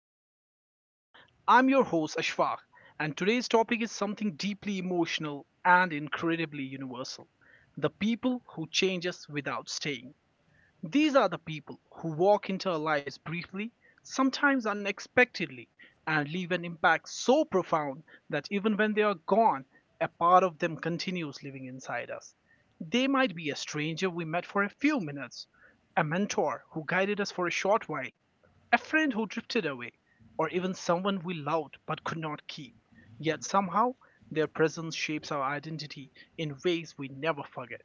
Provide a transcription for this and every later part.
That Shape Us. I'm your host, Ashfaq, and today's topic is something deeply emotional and incredibly universal, the people who change us without staying. These are the people who walk into our lives briefly, sometimes unexpectedly, and leave an impact so profound that even when they are gone, a part of them continues living inside us. They might be a stranger we met for a few minutes, a mentor who guided us for a short while, a friend who drifted away, or even someone we loved but could not keep. Yet somehow, their presence shapes our identity in ways we never forget.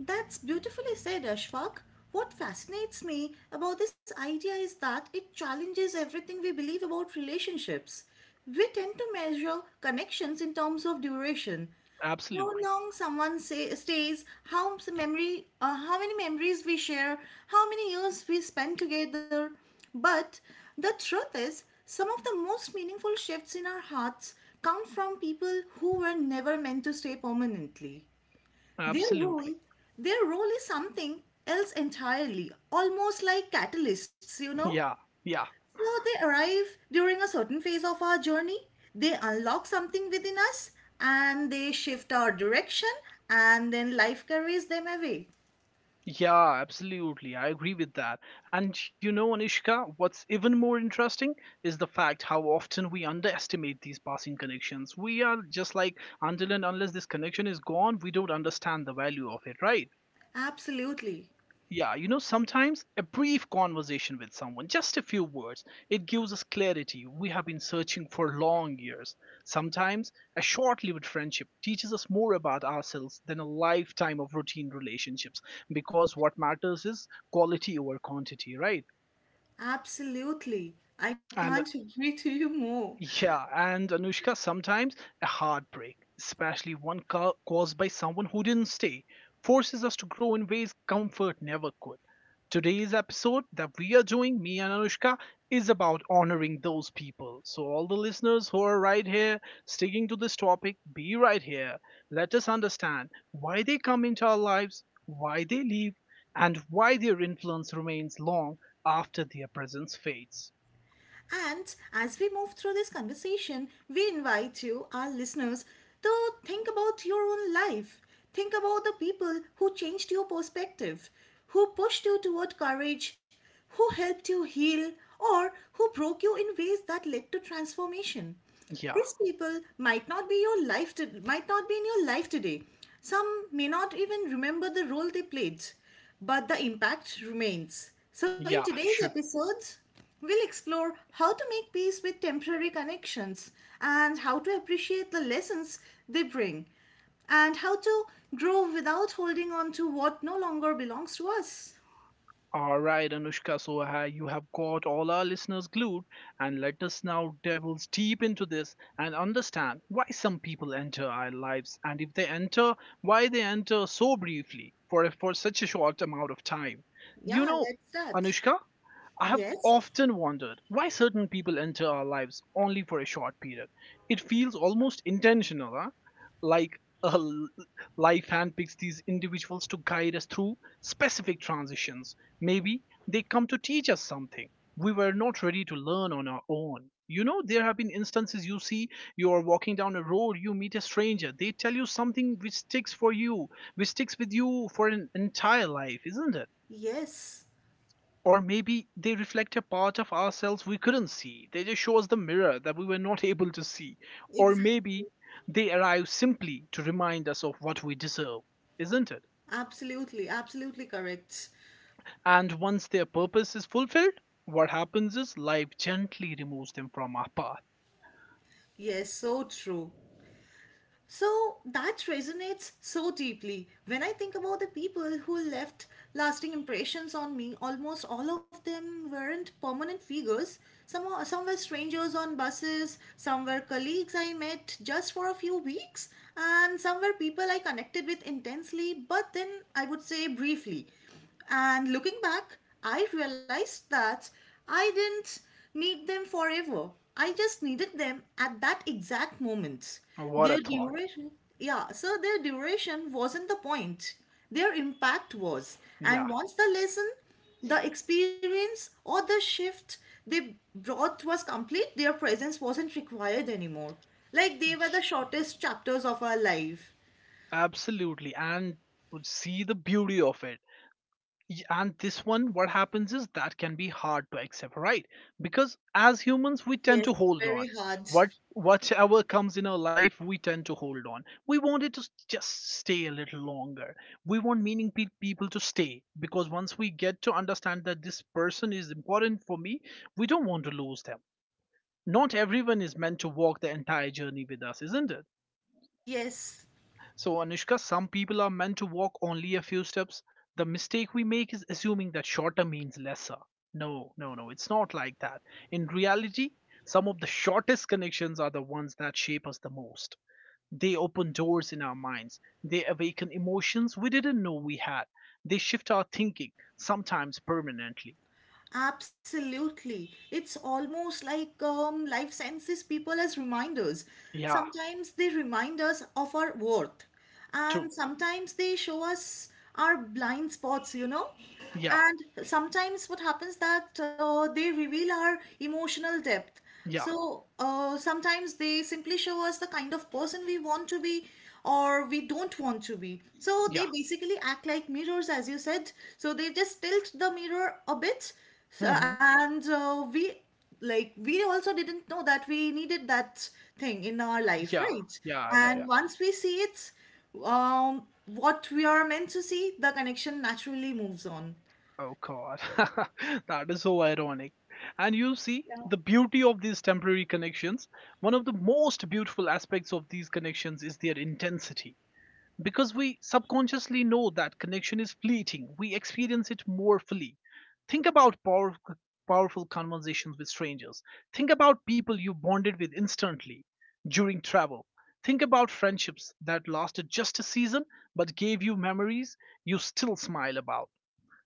That's beautifully said, Ashfaq. What fascinates me about this idea is that it challenges everything we believe about relationships. We tend to measure connections in terms of duration. How Absolutely. long someone say, stays, how many memories we share, how many years we spend together. But the truth is, some of the most meaningful shifts in our hearts come from people who were never meant to stay permanently. Their role, Absolutely. their role is something else entirely, almost like catalysts. Yeah, yeah, So they arrive during a certain phase of our journey, they unlock something within us, and they shift our direction, and then life carries them away. yeah, absolutely. I agree with that. And you know, Anishka, what's even more interesting is the fact how often we underestimate these passing connections. We are just like, until and unless this connection is gone, we don't understand the value of it, right? Absolutely, Yeah, you know, sometimes a brief conversation with someone, just a few words, it gives us clarity we have been searching for long years. Sometimes a short lived friendship teaches us more about ourselves than a lifetime of routine relationships because what matters is quality over quantity, right? absolutely. I And can't agree to you more. yeah, and Anushka, sometimes a heartbreak, especially one caused by someone who didn't stay, forces us to grow in ways comfort never could. Today's episode that we are doing, me and Anushka, is about honoring those people. So, all the listeners who are right here, sticking to this topic, be right here. Let us understand why they come into our lives, why they leave, and why their influence remains long after their presence fades. And as we move through this conversation, we invite you, our listeners, to think about your own life. Think about the people who changed your perspective, who pushed you toward courage, who helped you heal, or who broke you in ways that led to transformation. Yeah, These people might not be your life to, might not be in your life today. Some may not even remember the role they played, but the impact remains. So in yeah, today's sure. episodes, we'll explore how to make peace with temporary connections and how to appreciate the lessons they bring and how to grow without holding on to what no longer belongs to us. All right, Anushka, so you have got all our listeners glued, and let us now delve deep into this and understand why some people enter our lives, and if they enter, why they enter so briefly for such a short amount of time. You Yeah, know, let's start. Anushka, I have Yes. often wondered why certain people enter our lives only for a short period. It feels almost intentional, huh? Like life handpicks these individuals to guide us through specific transitions. Maybe they come to teach us something we were not ready to learn on our own. You know, there have been instances, you see you are walking down a road, you meet a stranger, they tell you something which sticks for you, which sticks with you for an entire life, isn't it? Yes. Or maybe they reflect a part of ourselves we couldn't see. They just show us the mirror that we were not able to see. Or maybe Exactly. they arrive simply to remind us of what we deserve, isn't it? Absolutely, absolutely correct. And once their purpose is fulfilled, what happens is life gently removes them from our path. Yes, so true. So that resonates so deeply. When I think about the people who left lasting impressions on me, almost all of them weren't permanent figures. Some were strangers on buses, some were colleagues I met just for a few weeks, and some were people I connected with intensely, but then I would say briefly. And looking back, I realized that I didn't need them forever. I just needed them at that exact moment. What a Their thought. duration, their duration wasn't the point. Their impact was. And Yeah, once the lesson, the experience, or the shift they brought was complete, their presence wasn't required anymore. Like they were the shortest chapters of our life. absolutely. And see the beauty of it. And this one, what happens is that can be hard to accept, right? Because as humans we tend Yes, to hold on. very hard. What whatever comes in our life we tend to hold on, we want it to just stay a little longer, we want meaning people to stay, because once we get to understand that this person is important for me, we don't want to lose them. Not everyone is meant to walk the entire journey with us, isn't it? Yes, So, Anushka, some people are meant to walk only a few steps. The mistake we make is assuming that shorter means lesser. No, no, no, it's not like that. In reality, some of the shortest connections are the ones that shape us the most. They open doors in our minds, they awaken emotions we didn't know we had, they shift our thinking, sometimes permanently. absolutely. It's almost like life senses people as reminders. Yeah, Sometimes they remind us of our worth, true. and sometimes they show us our blind spots. Yeah, And sometimes what happens that they reveal our emotional depth. yeah, So sometimes they simply show us the kind of person we want to be or we don't want to be. So they yeah. basically act like mirrors, as you said. So they just tilt the mirror a bit. So, Hmm. and we like we also didn't know that we needed that thing in our life, Yeah, right? yeah, yeah, And yeah. once we see it, what we are meant to see, the connection naturally moves on. Oh god, that is so ironic. And you see, Yeah. the beauty of these temporary connections, one of the most beautiful aspects of these connections is their intensity. Because we subconsciously know that connection is fleeting, we experience it more fully. Think about power, powerful conversations with strangers. Think about people you bonded with instantly during travel. Think about friendships that lasted just a season but gave you memories you still smile about.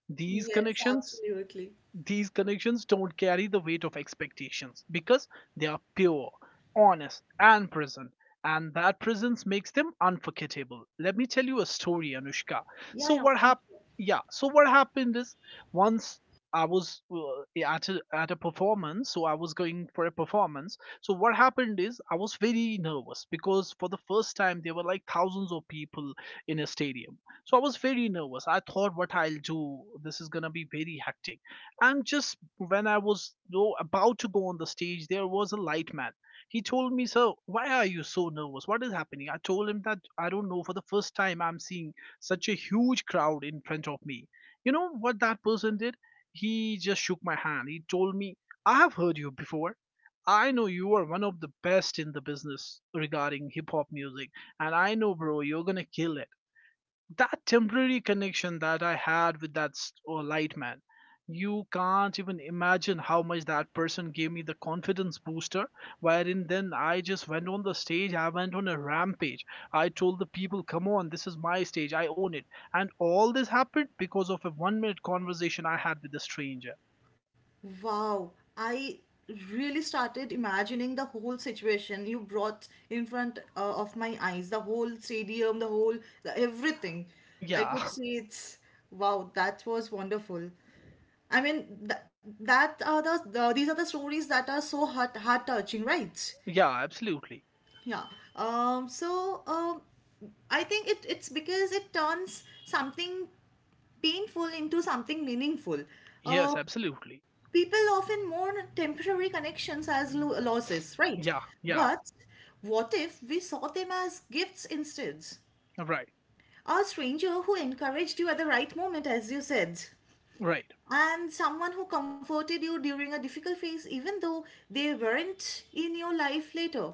These Yes, connections, absolutely. these connections don't carry the weight of expectations because they are pure, honest, and present. And that presence makes them unforgettable. Let me tell you a story, Anushka. Yeah, So yeah. what happened? Yeah. So what happened is once I was at a performance. So I was going for a performance. So what happened is I was very nervous because for the first time there were like thousands of people in a stadium. So I was very nervous. I thought what I'll do. This is gonna be very hectic, and just when I was about to go on the stage, there was a light man. He told me, Sir, why are you so nervous? What is happening? I told him that I don't know. For the first time, I'm seeing such a huge crowd in front of me. You know what that person did? He just shook my hand. He told me, I have heard you before. I know you are one of the best in the business regarding hip hop music. And I know, bro, you're going to kill it. That temporary connection that I had with that light man, you can't even imagine how much that person gave me the confidence booster. Wherein then I just went on the stage, I went on a rampage. I told the people, come on, this is my stage, I own it. And all this happened because of a 1-minute conversation I had with a stranger. Wow, I really started imagining the whole situation you brought in front of my eyes, the whole stadium, everything. I Yeah, could see it's wow, that was wonderful. I mean, that, that are the these are the stories that are so heart heart touching, right? yeah, absolutely. Yeah. Um. So um, I think it's because it turns something painful into something meaningful. Yes, Uh, absolutely. people often mourn temporary connections as losses, right? Yeah, yeah, But what if we saw them as gifts instead? right, A stranger who encouraged you at the right moment, as you said, right, and someone who comforted you during a difficult phase, even though they weren't in your life later.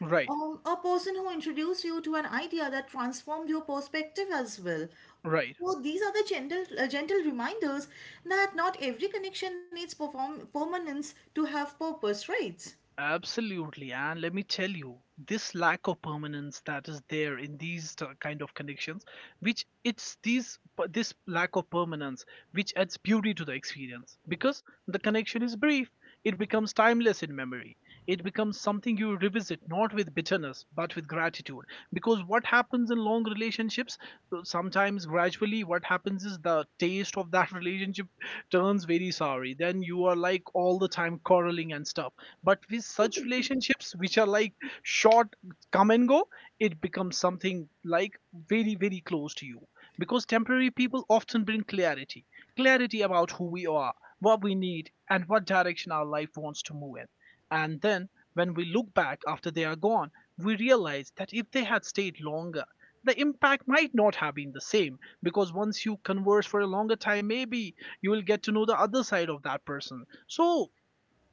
right, A person who introduced you to an idea that transformed your perspective as well. right. So these are the gentle reminders that not every connection needs perform permanence to have purpose, right? Absolutely, and let me tell you, this lack of permanence that is there in these kind of connections, which it's these this lack of permanence which adds beauty to the experience because the connection is brief. It becomes timeless in memory. It becomes something you revisit not with bitterness but with gratitude. Because what happens in long relationships, sometimes gradually what happens is the taste of that relationship turns very sorry. Then you are like all the time quarreling and stuff, but with such relationships which are like short, come and go, it becomes something like very, very close to you, because temporary people often bring clarity, clarity about who we are, what we need, and what direction our life wants to move in. And then when we look back after they are gone, we realize that if they had stayed longer, the impact might not have been the same, because once you converse for a longer time, maybe you will get to know the other side of that person. So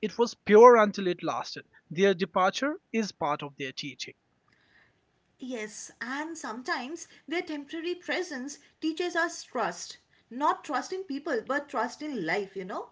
it was pure until it lasted. Their departure is part of their teaching. Yes, and sometimes their temporary presence teaches us trust. Not trust in people, but trust in life, you know?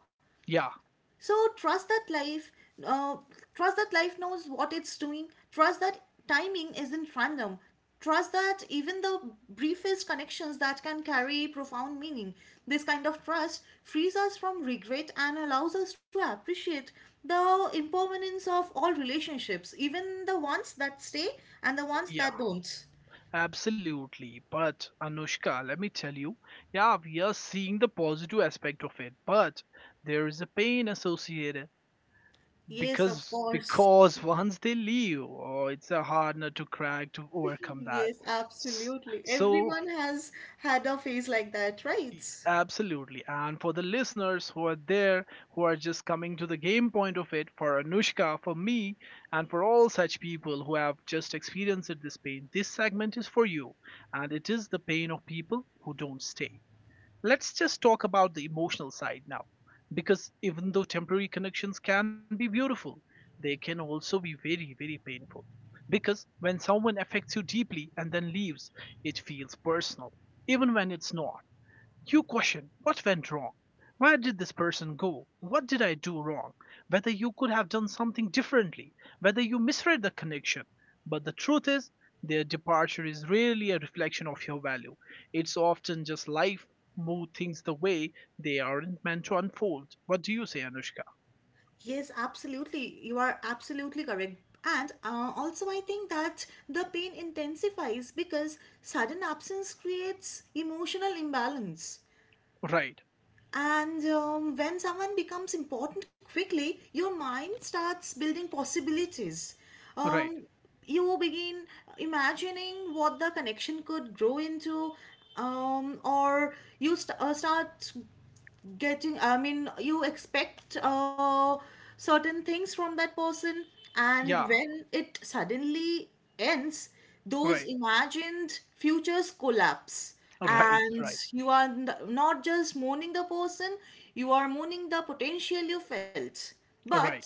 Yeah, So trust that uh, trust that life knows what it's doing. Trust that timing isn't random. Trust that even the briefest connections that can carry profound meaning. This kind of trust frees us from regret and allows us to appreciate the impermanence of all relationships, even the ones that stay and the ones yeah, that don't. absolutely. But Anushka, let me tell you, yeah, we are seeing the positive aspect of it, but there is a pain associated, Yes, of course. because once they leave, oh, it's a hard nut to crack to overcome that. Yes, S- absolutely. So. Everyone has had a phase like that, right? Absolutely. And for the listeners who are there, who are just coming to the game point of it, for Anushka, for me, and for all such people who have just experienced this pain, this segment is for you. And it is the pain of people who don't stay. Let's just talk about the emotional side now. Because even though temporary connections can be beautiful, they can also be very, very painful. Because when someone affects you deeply and then leaves, it feels personal, even when it's not. You question what went wrong. Where did this person go? What did I do wrong? Whether you could have done something differently, whether you misread the connection. But the truth is, their departure is rarely a reflection of your value. It's often just life move things the way they aren't meant to unfold. What do you say, Anushka? Yes, absolutely. You are absolutely correct. And also, I think that the pain intensifies because sudden absence creates emotional imbalance. Right, And when someone becomes important quickly, your mind starts building possibilities. right. Um, you begin imagining what the connection could grow into start getting I mean you expect certain things from that person and Yeah, when it suddenly ends those right, imagined futures collapse right, and right, you are not just mourning the person you are mourning the potential you felt but right.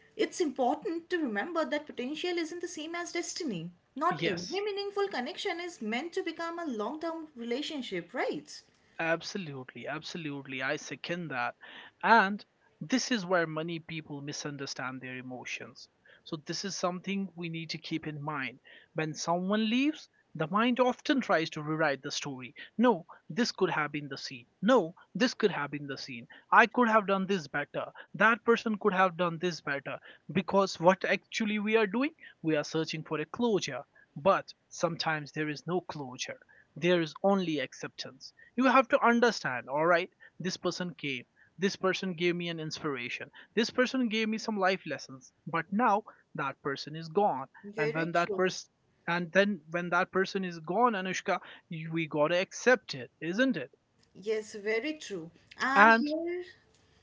it's important to remember that potential isn't the same as destiny not every Yes. meaningful connection is meant to become a long-term relationship right. Absolutely, absolutely. I second that. And this is where many people misunderstand their emotions. So, this is something we need to keep in mind. When someone leaves, the mind often tries to rewrite the story. No, this could have been the scene. No, this could have been the scene. I could have done this better. That person could have done this better. Because what actually we are doing, we are searching for a closure. But sometimes there is no closure, there is only acceptance. You have to understand, all right, this person came, this person gave me an inspiration, this person gave me some life lessons, but now that person is gone. and Very when that true. person and then when that person is gone, Anushka, we gotta accept it, isn't it? Yes, very true. And And here,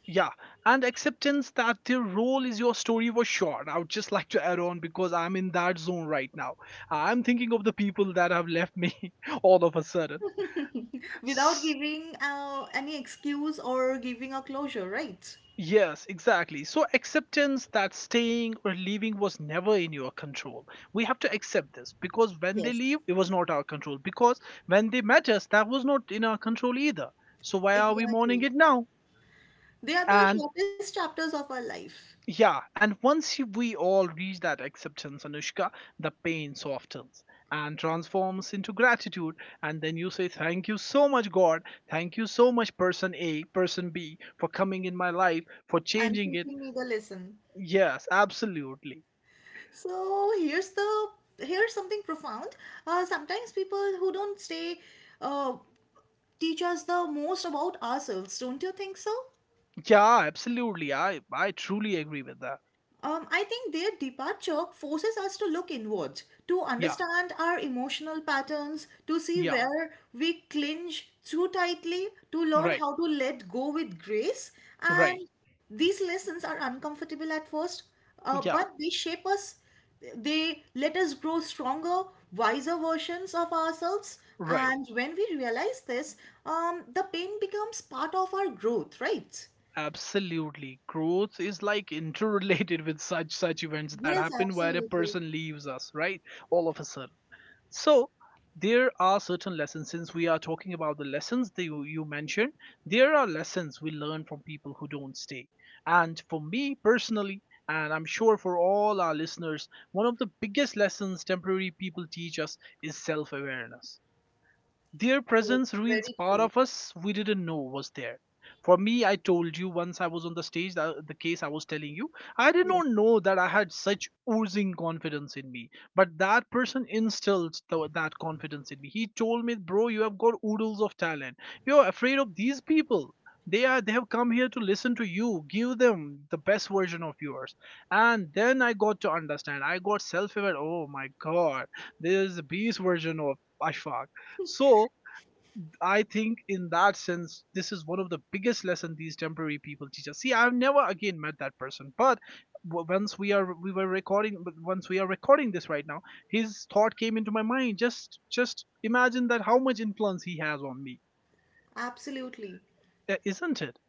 yeah, and acceptance that their role is your story was short. I would just like to add on because I'm in that zone right now. I'm thinking of the people that have left me all of a sudden. without giving any excuse or giving a closure, right? Yes, exactly. So acceptance that staying or leaving was never in your control. We have to accept this because when they Yes, leave, it was not our control. Because when they met us, that was not in our control either. So why are we mourning exactly. it now? They are the And shortest chapters of our life yeah, and once we all reach that acceptance, Anushka, the pain softens and transforms into gratitude. And then you say, thank you so much, God. Thank you so much, person A, person B, for coming in my life, for and changing teaching it. me the lesson. Yes, absolutely. So here's the here's something profound. Sometimes people who don't stay uh, teach us the most about ourselves. Don't you think so? Yeah, absolutely. I truly agree with that. I think their departure forces us to look inwards, to Yeah, understand our emotional patterns, to see yeah, where we clinch too tightly, to learn right, how to let go with grace. right, And these lessons are uncomfortable at first, yeah, but they shape us. They let us grow stronger, wiser versions of ourselves. right. And when we realize this, the pain becomes part of our growth, right? Absolutely. Growth is like interrelated with such events that Yes, happen where a absolutely. person leaves us, right? All of a sudden. So there are certain lessons, since we are talking about the lessons that you mentioned. There are lessons we learn from people who don't stay. And for me personally, and I'm sure for all our listeners, one of the biggest lessons temporary people teach us is self awareness. Their Yes, presence reveals very part true. of us we didn't know was there. For me, I told you, once I was on the stage, the case I was telling you, I did not know that I had such oozing confidence in me. But that person instilled that confidence in me. He told me, bro, you have got oodles of talent. You're afraid of these people. They have come here to listen to you. Give them the best version of yours. And then I got to understand. I got self-aware. Oh my god, there is a beast version of Ashfaq. So I think in that sense, this is one of the biggest lessons these temporary people teach us. See, I've never again met that person, but once we are we were recording, once we are recording this right now, his thought came into my mind. Just imagine that how much influence he has on me, Absolutely. Isn't it?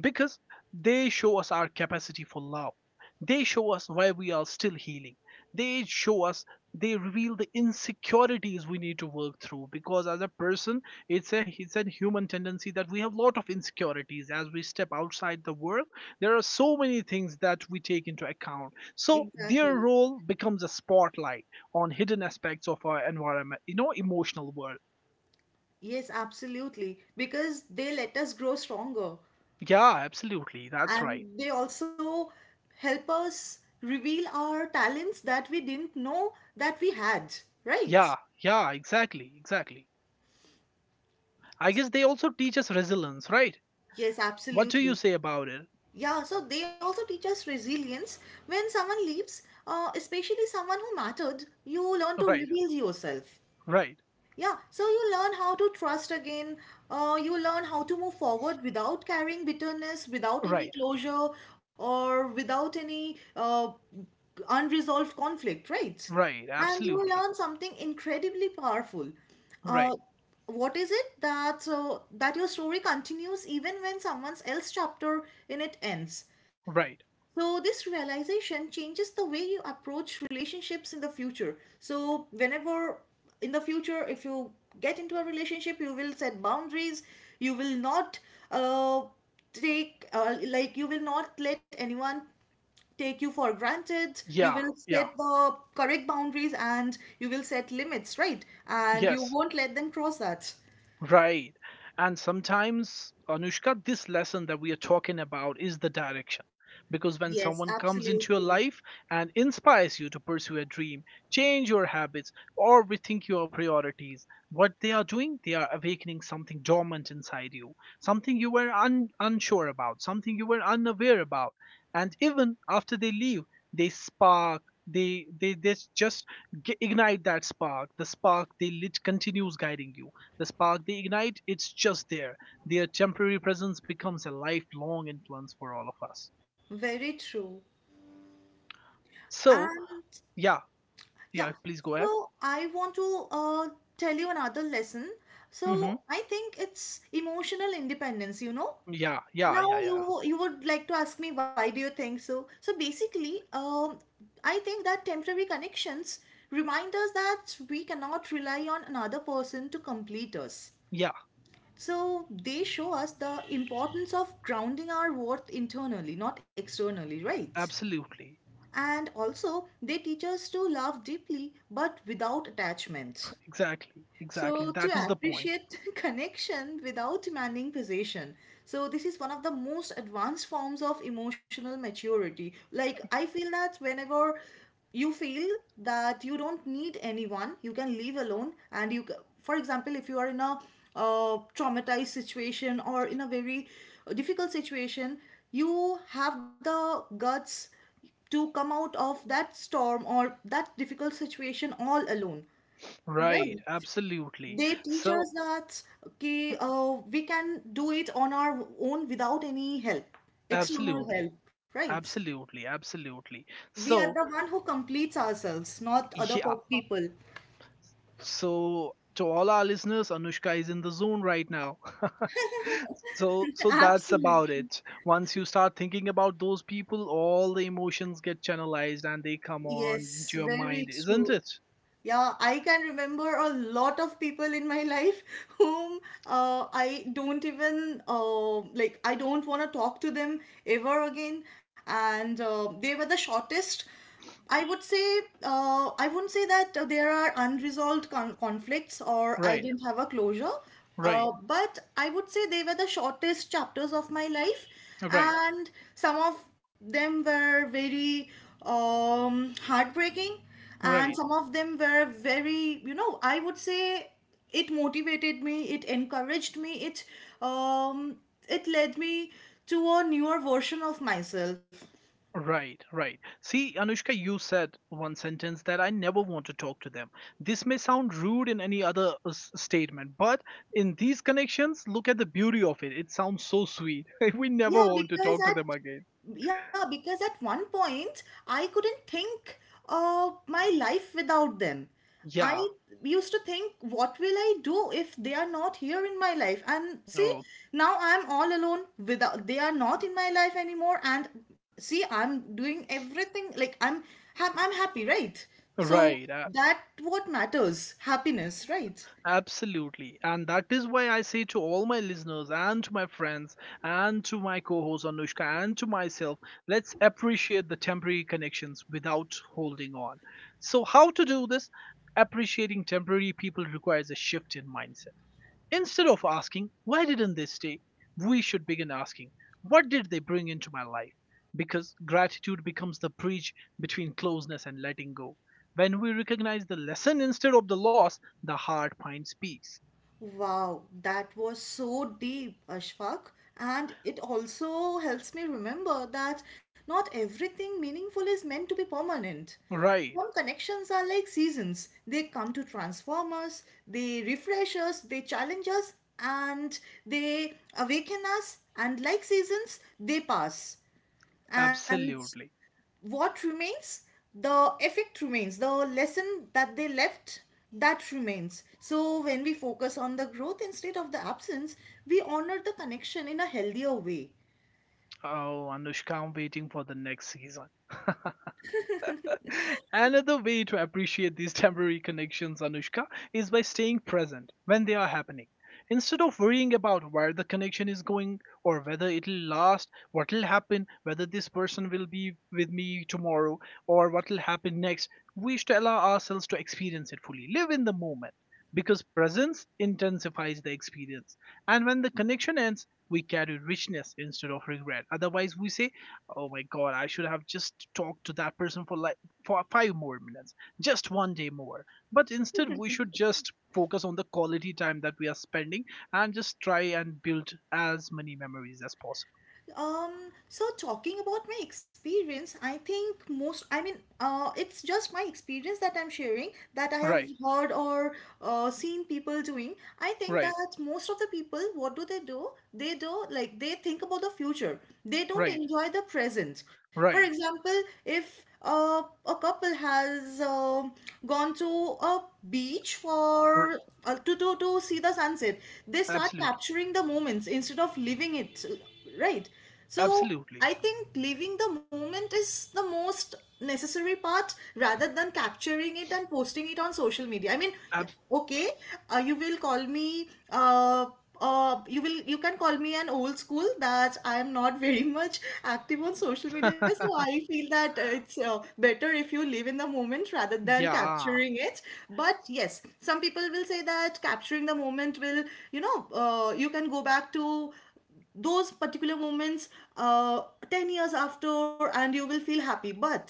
Because they show us our capacity for love. They show us why we are still healing. They show us, they reveal the insecurities we need to work through, because as a person, it's a human tendency that we have a lot of insecurities as we step outside the world. There are so many things that we take into account. So their Exactly. role becomes a spotlight on hidden aspects of our environment, you know, emotional world. Yes, absolutely. Because they let us grow stronger Yeah, absolutely. That's right. and they also help us reveal our talents that we didn't know that we had, Yeah, right? yeah, exactly. I guess they also teach us resilience, right? Yes, What do you absolutely. say about it? Yeah, so they also teach us resilience. When someone leaves, especially someone who mattered, you learn to Right, rebuild yourself. right, Yeah, so you learn how to trust again. You learn how to move forward without carrying bitterness, without any right, closure, or without any unresolved conflict, right? right, And you absolutely. learn something incredibly powerful. Right, Uh, what is it that that your story continues even when someone else's chapter in it ends? right. So, this realization changes the way you approach relationships in the future. So, whenever in the future, if you get into a relationship, you will set boundaries, you will not uh, take, like, you will not let anyone take you for granted, you Yeah, will yeah, set the correct boundaries and you will set limits, right? And you yes. won't let them cross that. Right. And sometimes, Anushka, this lesson that we are talking about is the direction. Because when Yes, someone comes into your absolutely. life and inspires you to pursue a dream, change your habits, or rethink your priorities, what they are doing, they are awakening something dormant inside you, something you were unsure about, something you were unaware about. And even after they leave, they just ignite that spark. The spark they lit continues guiding you, the spark they ignite, it's just there. Their temporary presence becomes a lifelong influence for all of us. Very true. So, And yeah, yeah, yeah, please go ahead. so I want to tell you another lesson. Hmm. So I think it's emotional independence, you know. Yeah, yeah, yeah, Now yeah. you would like to ask me, why do you think so? So basically, I think that temporary connections remind us that we cannot rely on another person to complete us. Yeah, So they show us the importance of grounding our worth internally, not externally, right? absolutely. And also, they teach us to love deeply but without attachments. Exactly, exactly. So That is to the point. appreciate connection without demanding possession. So this is one of the most advanced forms of emotional maturity. Like I feel that whenever you feel that you don't need anyone, you can live alone and you for example if you are in a traumatized situation or in a very difficult situation, you have the guts to come out of that storm or that difficult situation all alone. Right, Right? absolutely. They teach So, us that, okay, we can do it on our own without any help, external absolutely, help, right? absolutely, absolutely. We are the So, one who completes ourselves, not other yeah. People. So, to all our listeners, Anushka is in the zone right now. So so that's about Absolutely. it. Once you start thinking about those people, all the emotions get channelized and they come on to Yes, your very mind, isn't true. it? Yeah, I can remember a lot of people in my life whom I don't want to talk to them ever again. And they were the shortest. I would say, I wouldn't say that there are unresolved conflicts or I Right, didn't have a closure, right, but I would say they were the shortest chapters of my life, right, and some of them were very heartbreaking and right, some of them were very, you know, I would say it motivated me, it encouraged me, um it led me to a newer version of myself. right, right. See, Anushka, you said one sentence that I never want to talk to them. This may sound rude in any other statement, but in these connections, look at the beauty of it. It sounds so sweet. We never yeah want to because talk to them at again. yeah because at one point I couldn't think my life without them. I Yeah. used to think, what will I do if they are not here in my life? And see, Oh, now I'm all alone, without they are not in my life anymore, and see I'm doing everything, like I'm happy, right? So right. That what matters, happiness, right? absolutely. And that is why I say to all my listeners and to my friends and to my co host Anushka and to myself, let's appreciate the temporary connections without holding on. So, how to do this? Appreciating temporary people requires a shift in mindset. Instead of asking, why didn't they stay? We should begin asking, what did they bring into my life? Because gratitude becomes the bridge between closeness and letting go. When we recognize the lesson instead of the loss, the heart finds peace. Wow, that was so deep, Ashfaq. And it also helps me remember that not everything meaningful is meant to be permanent. Right, Some connections are like seasons. They come to transform us, they refresh us, they challenge us, and they awaken us. And like seasons, they pass. And absolutely. what remains, the effect remains, the lesson that they left, that remains. So when we focus on the growth instead of the absence, we honor the connection in a healthier way. Oh, Anushka, I'm waiting for the next season. Another way to appreciate these temporary connections, Anushka, is by staying present when they are happening. Instead of worrying about where the connection is going or whether it'll last, what'll happen, whether this person will be with me tomorrow or what'll happen next, we should allow ourselves to experience it fully. Live in the moment, because presence intensifies the experience. And when the connection ends, we carry richness instead of regret. Otherwise, we say, oh my god, I should have just talked to that person for 5 more minutes, just one day more. But instead, we should just focus on the quality time that we are spending and just try and build as many memories as possible. So talking about my experience, I think most, it's just my experience that I'm sharing, that I have Right, heard or seen people doing. I think right, that most of the people, what do they do? They do, like, they think about the future. They don't right, enjoy the present. For right. example, if a couple has gone to a beach R- for to see the sunset, they start absolutely, capturing the moments instead of living it, right? So absolutely. I think living the moment is the most necessary part rather than capturing it and posting it on social media, I mean, yeah, Ab- okay. You will call me you will, you can call me an old school, that I am not very much active on social media. So I feel that it's better if you live in the moment rather than yeah, capturing it. But yes, some people will say that capturing the moment will, you know, you can go back to those particular moments uh, 10 years after and you will feel happy. But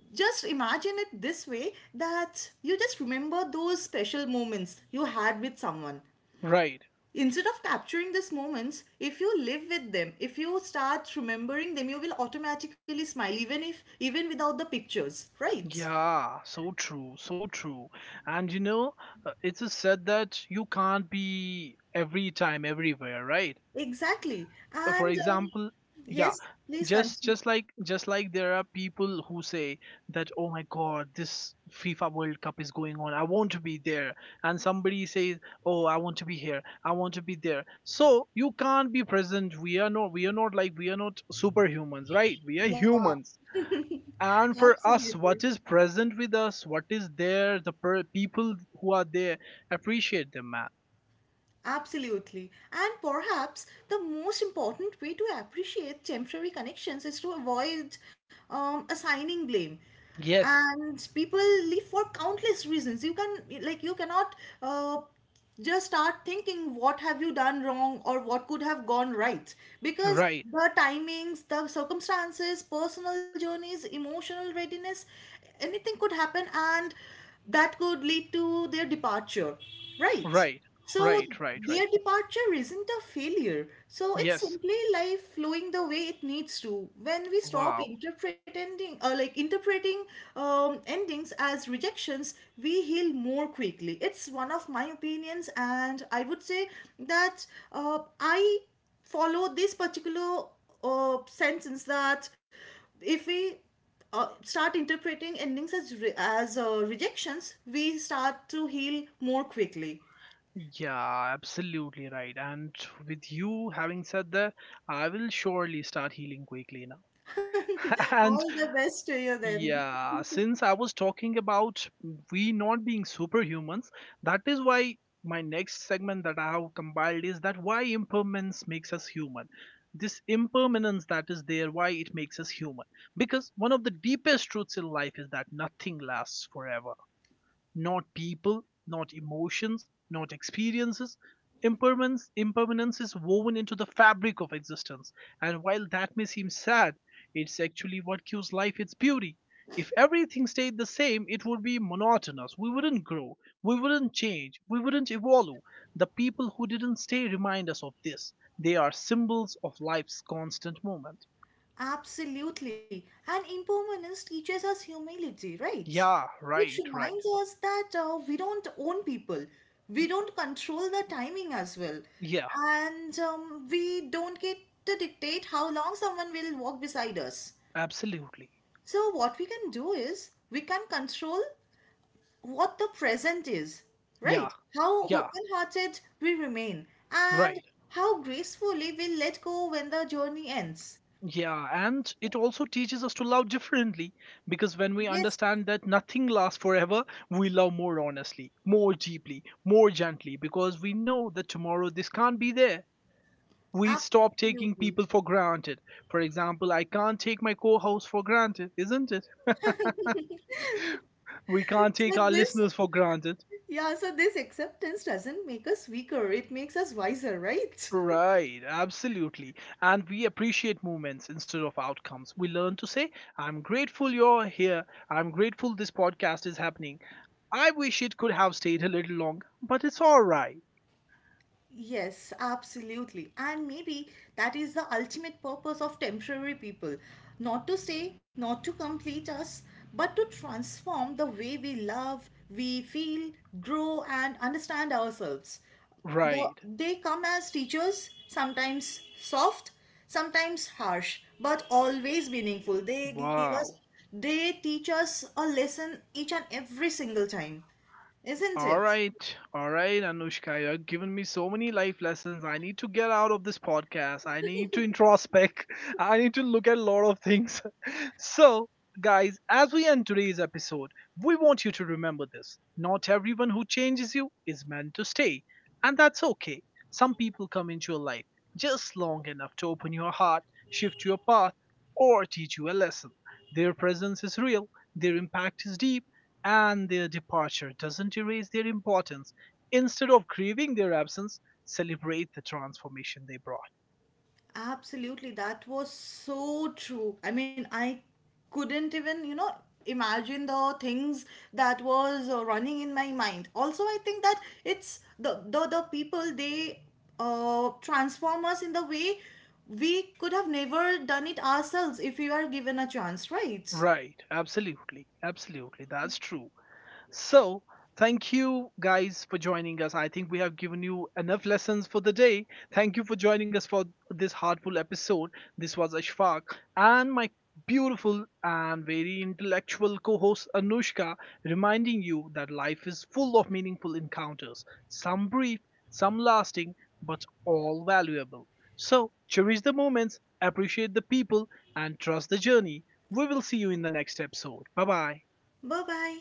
just imagine it this way, that you just remember those special moments you had with someone. right. Instead of capturing these moments, if you live with them, if you start remembering them, you will automatically smile, even if, even without the pictures, right? Yeah, so true, so true. And you know, it is said that you can't be every time everywhere, right? Exactly. For And example, yeah, yes, please continue. Just like there are people who say that oh my god, this fifa world cup is going on, I want to be there, and somebody says, oh I want to be here, I want to be there. So you can't be present. We are not superhumans, right? We are Yeah, humans. And for us, absolutely. what is present with us, what is there, the people who are there, appreciate them, man. Absolutely. And perhaps the most important way to appreciate temporary connections is to avoid assigning blame. Yes, And people leave for countless reasons. You can, like, you cannot uh, just start thinking what have you done wrong or what could have gone right, because right, the timings, the circumstances, personal journeys, emotional readiness, anything could happen, and that could lead to their departure, right? right, So right, right, right, their departure isn't a failure. So it's yes. simply life flowing the way it needs to. When we stop Wow. interpreting, like interpreting endings as rejections, we heal more quickly. It's one of my opinions, and I would say that I follow this particular sentence, that if we start interpreting endings as rejections, we start to heal more quickly. Yeah, absolutely right. And with you having said that, I will surely start healing quickly now. All And the best to you then. yeah, since I was talking about we not being superhumans, that is why my next segment that I have compiled is that why impermanence makes us human. This impermanence that is there, why it makes us human. Because one of the deepest truths in life is that nothing lasts forever, not people, not emotions, not experiences. Impermanence is woven into the fabric of existence, and while that may seem sad, it's actually what gives life its beauty. If everything stayed the same, it would be monotonous. We wouldn't grow, we wouldn't change, we wouldn't evolve. The people who didn't stay remind us of this. They are symbols of life's constant movement. Absolutely. And impermanence teaches us humility, right? Yeah, It right, right. reminds us that we don't own people, we don't control the timing as well, Yeah, and we don't get to dictate how long someone will walk beside us. absolutely. So, what we can do is we can control what the present is, Yeah, right? How yeah, open hearted we remain, and right. how gracefully we let go when the journey ends. Yeah, and it also teaches us to love differently, because when we Yes, understand that nothing lasts forever, we love more honestly, more deeply, more gently, because we know that tomorrow this can't be there. We stop taking absolutely. people for granted. For example, I can't take my co host for granted, isn't it? We can't So, take our this, listeners for granted. yeah, so this acceptance doesn't make us weaker, it makes us wiser, right? Right, absolutely. And we appreciate moments instead of outcomes. We learn to say, I'm grateful you're here. I'm grateful this podcast is happening. I wish it could have stayed a little longer, but it's all right. Yes, absolutely. And maybe that is the ultimate purpose of temporary people, not to stay, not to complete us, but to transform the way we love, we feel, grow, and understand ourselves. Right. They come as teachers, sometimes soft, sometimes harsh, but always meaningful. They give us, Wow. they teach us a lesson each and every single time, isn't it? All right, Anushka, you have given me so many life lessons. I need to get out of this podcast. I need to introspect. I need to look at a lot of things. So, guys, as we end today's episode, we want you to remember this. Not everyone who changes you is meant to stay, and that's okay. Some people come into your life just long enough to open your heart, shift your path, or teach you a lesson. Their presence is real, their impact is deep, and their departure doesn't erase their importance. Instead of grieving their absence, celebrate the transformation they brought. Absolutely, that was so true. I mean, I couldn't even, you know, imagine the things that was running in my mind. Also, I think that it's the people, they transform us in the way we could have never done it ourselves if we are given a chance, right? Right, absolutely, absolutely, that's true. So, thank you guys for joining us. I think we have given you enough lessons for the day. Thank you for joining us for this heartful episode. This was Ashfaq and my beautiful and very intellectual co host Anushka, reminding you that life is full of meaningful encounters, some brief, some lasting, but all valuable. So, cherish the moments, appreciate the people, and trust the journey. We will see you in the next episode. Bye bye. Bye bye.